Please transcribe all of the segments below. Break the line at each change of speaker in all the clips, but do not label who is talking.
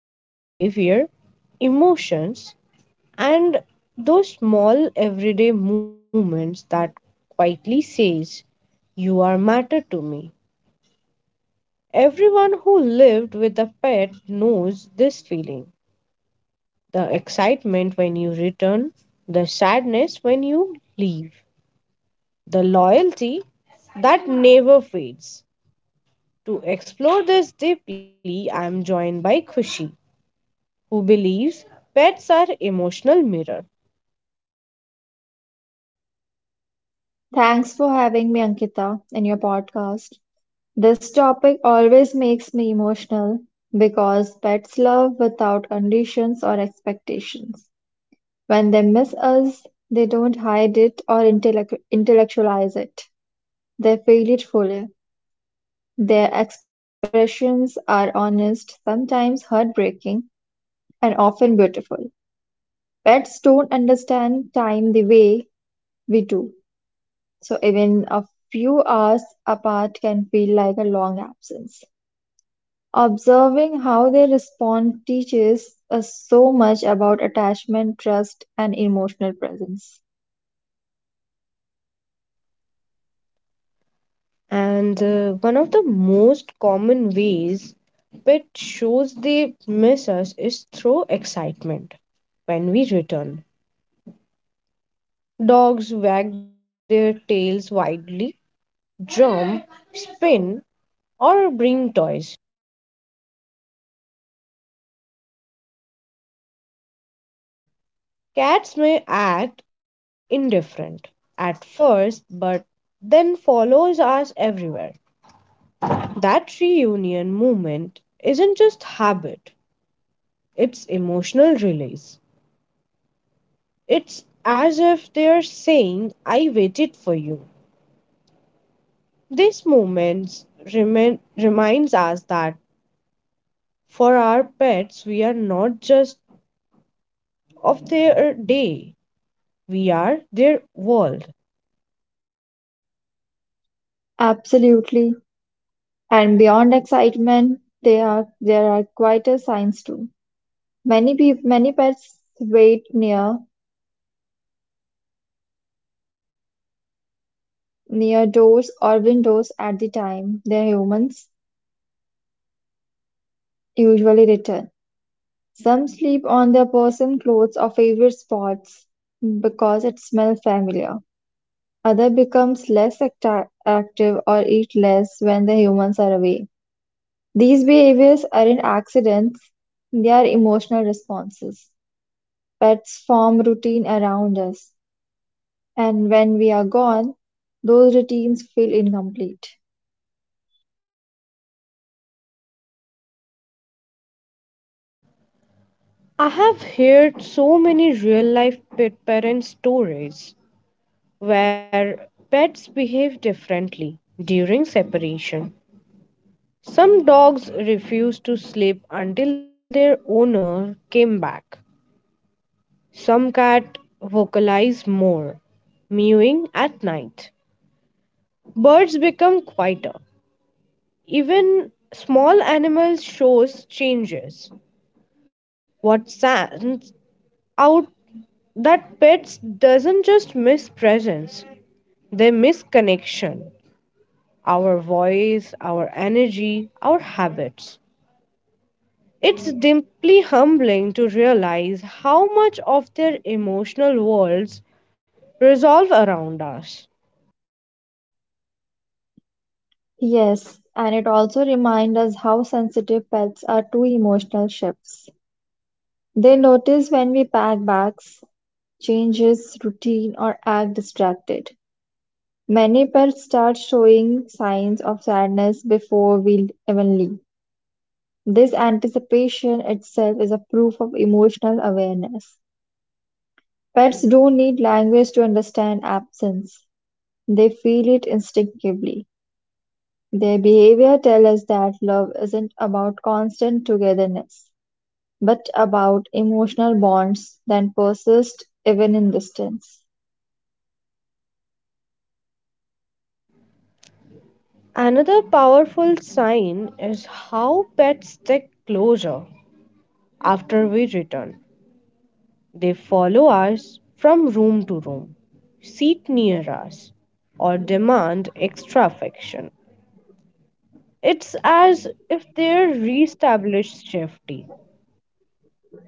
through behavior, emotions, and those small everyday moments that quietly says, "You are matter to me." Everyone who lived with a pet knows this feeling the excitement when you return, the sadness when you leave, the loyalty that never fades. To explore this deeply, I am joined by Khushi, who believes pets are emotional mirror.
Thanks for having me, Ankita, in your podcast. This topic always makes me emotional because pets love without conditions or expectations. When they miss us, they don't hide it or intellectualize it. They feel it fully. Their expressions are honest, sometimes heartbreaking, and often beautiful. Pets don't understand time the way we do. So even a few hours apart can feel like a long absence. Observing how they respond teaches us so much about attachment, trust, and emotional presence.
And One of the most common ways pet shows they miss us is through excitement when we return. Dogs wag their tails wildly, jump, spin, or bring toys. Cats may act indifferent at first, but then follows us everywhere. That reunion moment isn't just habit, it's emotional release. It's as if they're saying, I waited for you. This moment reminds us that for our pets, we are not just of their day, we are their world.
Absolutely. And beyond excitement, there are quieter signs too. Many pets wait near doors or windows at the time their humans usually return. Some sleep on their person, clothes, or favorite spots because it smells familiar. Other becomes active or eat less when the humans are away. These behaviors aren't accidents, they are emotional responses. Pets form routine around us, and when we are gone, those routines feel incomplete.
I have heard so many real life pet parent stories where pets behave differently during separation. Some dogs refused to sleep until their owner came back. Some cats vocalize more, mewing at night. Birds become quieter. Even small animals shows changes. What stands out that pets doesn't just miss presence, they miss connection. Our voice, our energy, our habits. It's deeply humbling to realize how much of their emotional worlds revolve around us.
Yes, and it also reminds us how sensitive pets are to emotional shifts. They notice when we pack bags, changes routine or act distracted. Many pets start showing signs of sadness before we even leave. This anticipation itself is a proof of emotional awareness. Pets don't need language to understand absence. They feel it instinctively. Their behavior tells us that love isn't about constant togetherness, but about emotional bonds that persist even in distance.
Another powerful sign is how pets stick closer after we return. They follow us from room to room, sit near us, or demand extra affection. It's as if they reestablish safety.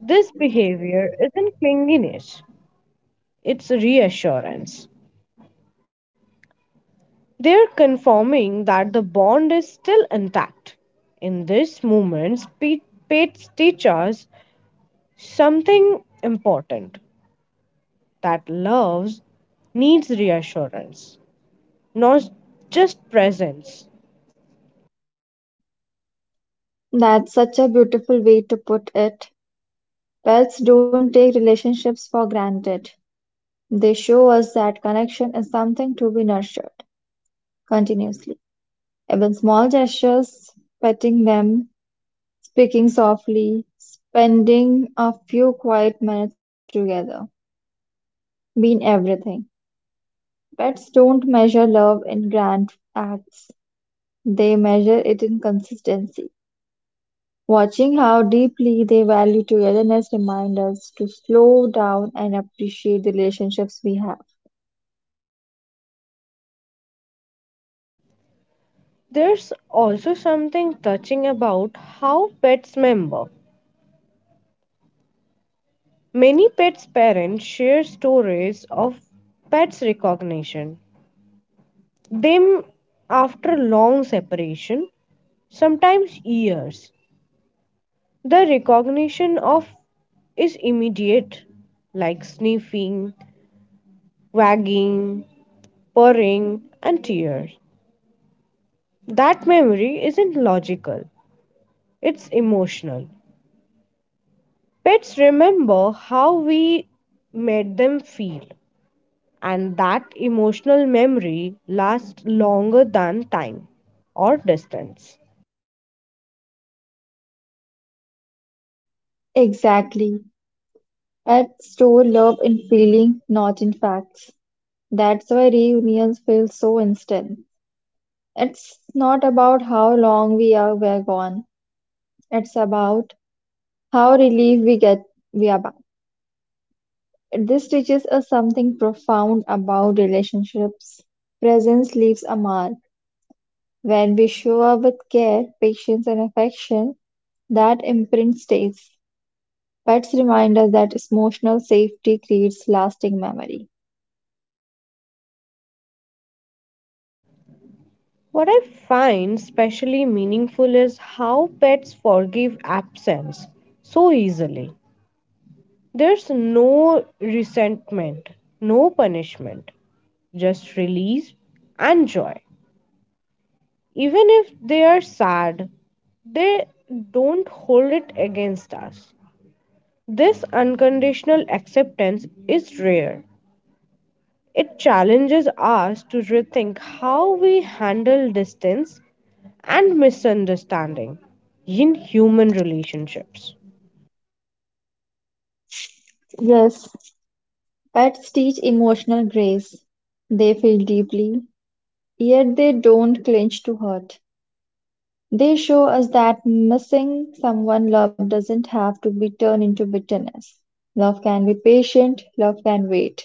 This behavior isn't clinginess, it's reassurance. They're confirming that the bond is still intact. In this moment, Pete Pates teaches us something important that love needs reassurance, not just presence.
That's such a beautiful way to put it. Pets don't take relationships for granted; they show us that connection is something to be nurtured continuously. Even small gestures, petting them, speaking softly, spending a few quiet minutes together, mean everything. Pets don't measure love in grand acts, they measure it in consistency. Watching how deeply they value togetherness reminds us to slow down and appreciate the relationships we have.
There's also something touching about how pets remember. Many pets' parents share stories of pets' recognition Them, after long separation, sometimes years, the recognition of is immediate, like sniffing, wagging, purring, and tears. That memory isn't logical, it's emotional. Pets remember how we made them feel, and that emotional memory lasts longer than time or distance.
Exactly. At store love in feeling, not in facts. That's why reunions feel so instant. It's not about how long we are were gone. It's about how relieved we are back. This teaches us something profound about relationships. Presence leaves a mark. When we show up with care, patience, and affection, that imprint stays. Pets remind us that emotional safety creates lasting memory.
What I find specially meaningful is how pets forgive absence so easily. There's no resentment, no punishment, just release and joy. Even if they are sad, they don't hold it against us. This unconditional acceptance is rare. It challenges us to rethink how we handle distance and misunderstanding in human relationships.
Yes, pets teach emotional grace. They feel deeply, yet they don't clinch to hurt. They show us that missing someone loved doesn't have to be turned into bitterness. Love can be patient, love can wait.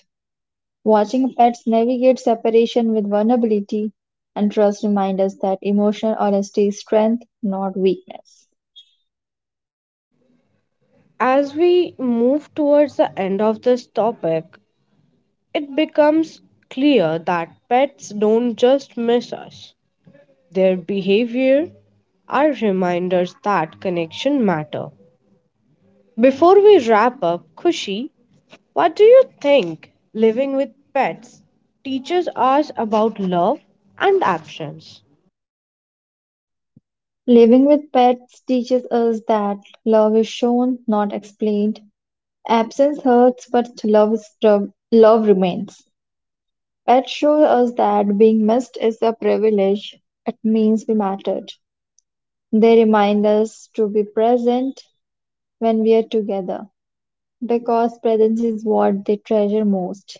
Watching pets navigate separation with vulnerability and trust remind us that emotional honesty is strength, not weakness.
As we move towards the end of this topic, it becomes clear that pets don't just miss us. Their behavior are reminders that connection matter. Before we wrap up, Kushi, what do you think living with pets teaches us about love and actions?
Living with pets teaches us that love is shown, not explained. Absence hurts, but love remains. Pets show us that being missed is a privilege. It means we mattered. They remind us to be present when we are together, because presence is what they treasure most.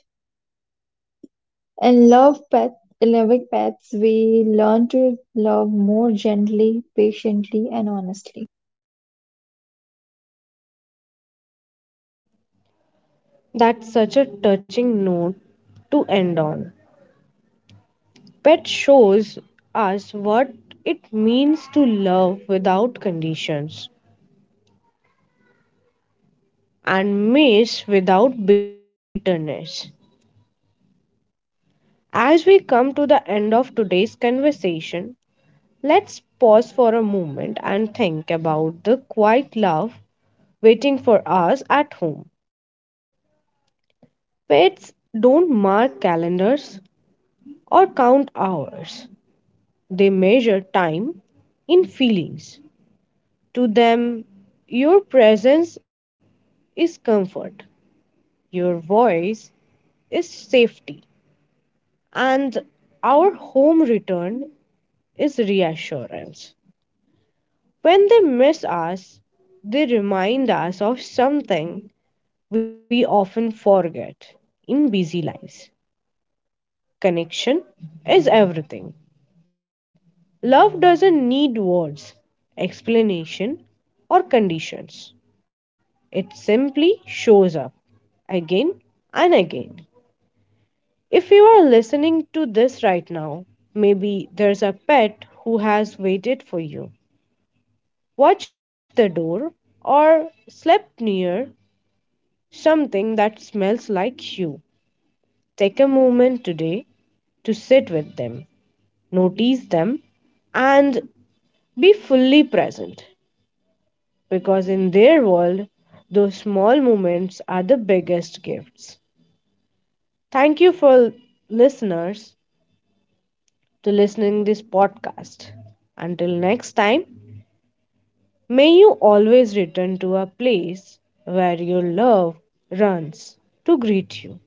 In loving pets, we learn to love more gently, patiently, and honestly.
That's such a touching note to end on. Pet shows us what it means to love without conditions and miss without bitterness. As we come to the end of today's conversation, let's pause for a moment and think about the quiet love waiting for us at home. Pets don't mark calendars or count hours, they measure time in feelings. To them, your presence is comfort. Your voice is safety, and our home return is reassurance. When they miss us, they remind us of something we often forget in busy lives. Connection is everything. Love doesn't need words, explanation, or conditions, it simply shows up again and again. If you are listening to this right now, maybe there's a pet who has waited for you, watched the door, or slept near something that smells like you. Take a moment today to sit with them, notice them, and be fully present because in their world, those small moments are the biggest gifts. Thank you for listeners. To listening this podcast. Until next time, may you always return to a place where your love runs to greet you.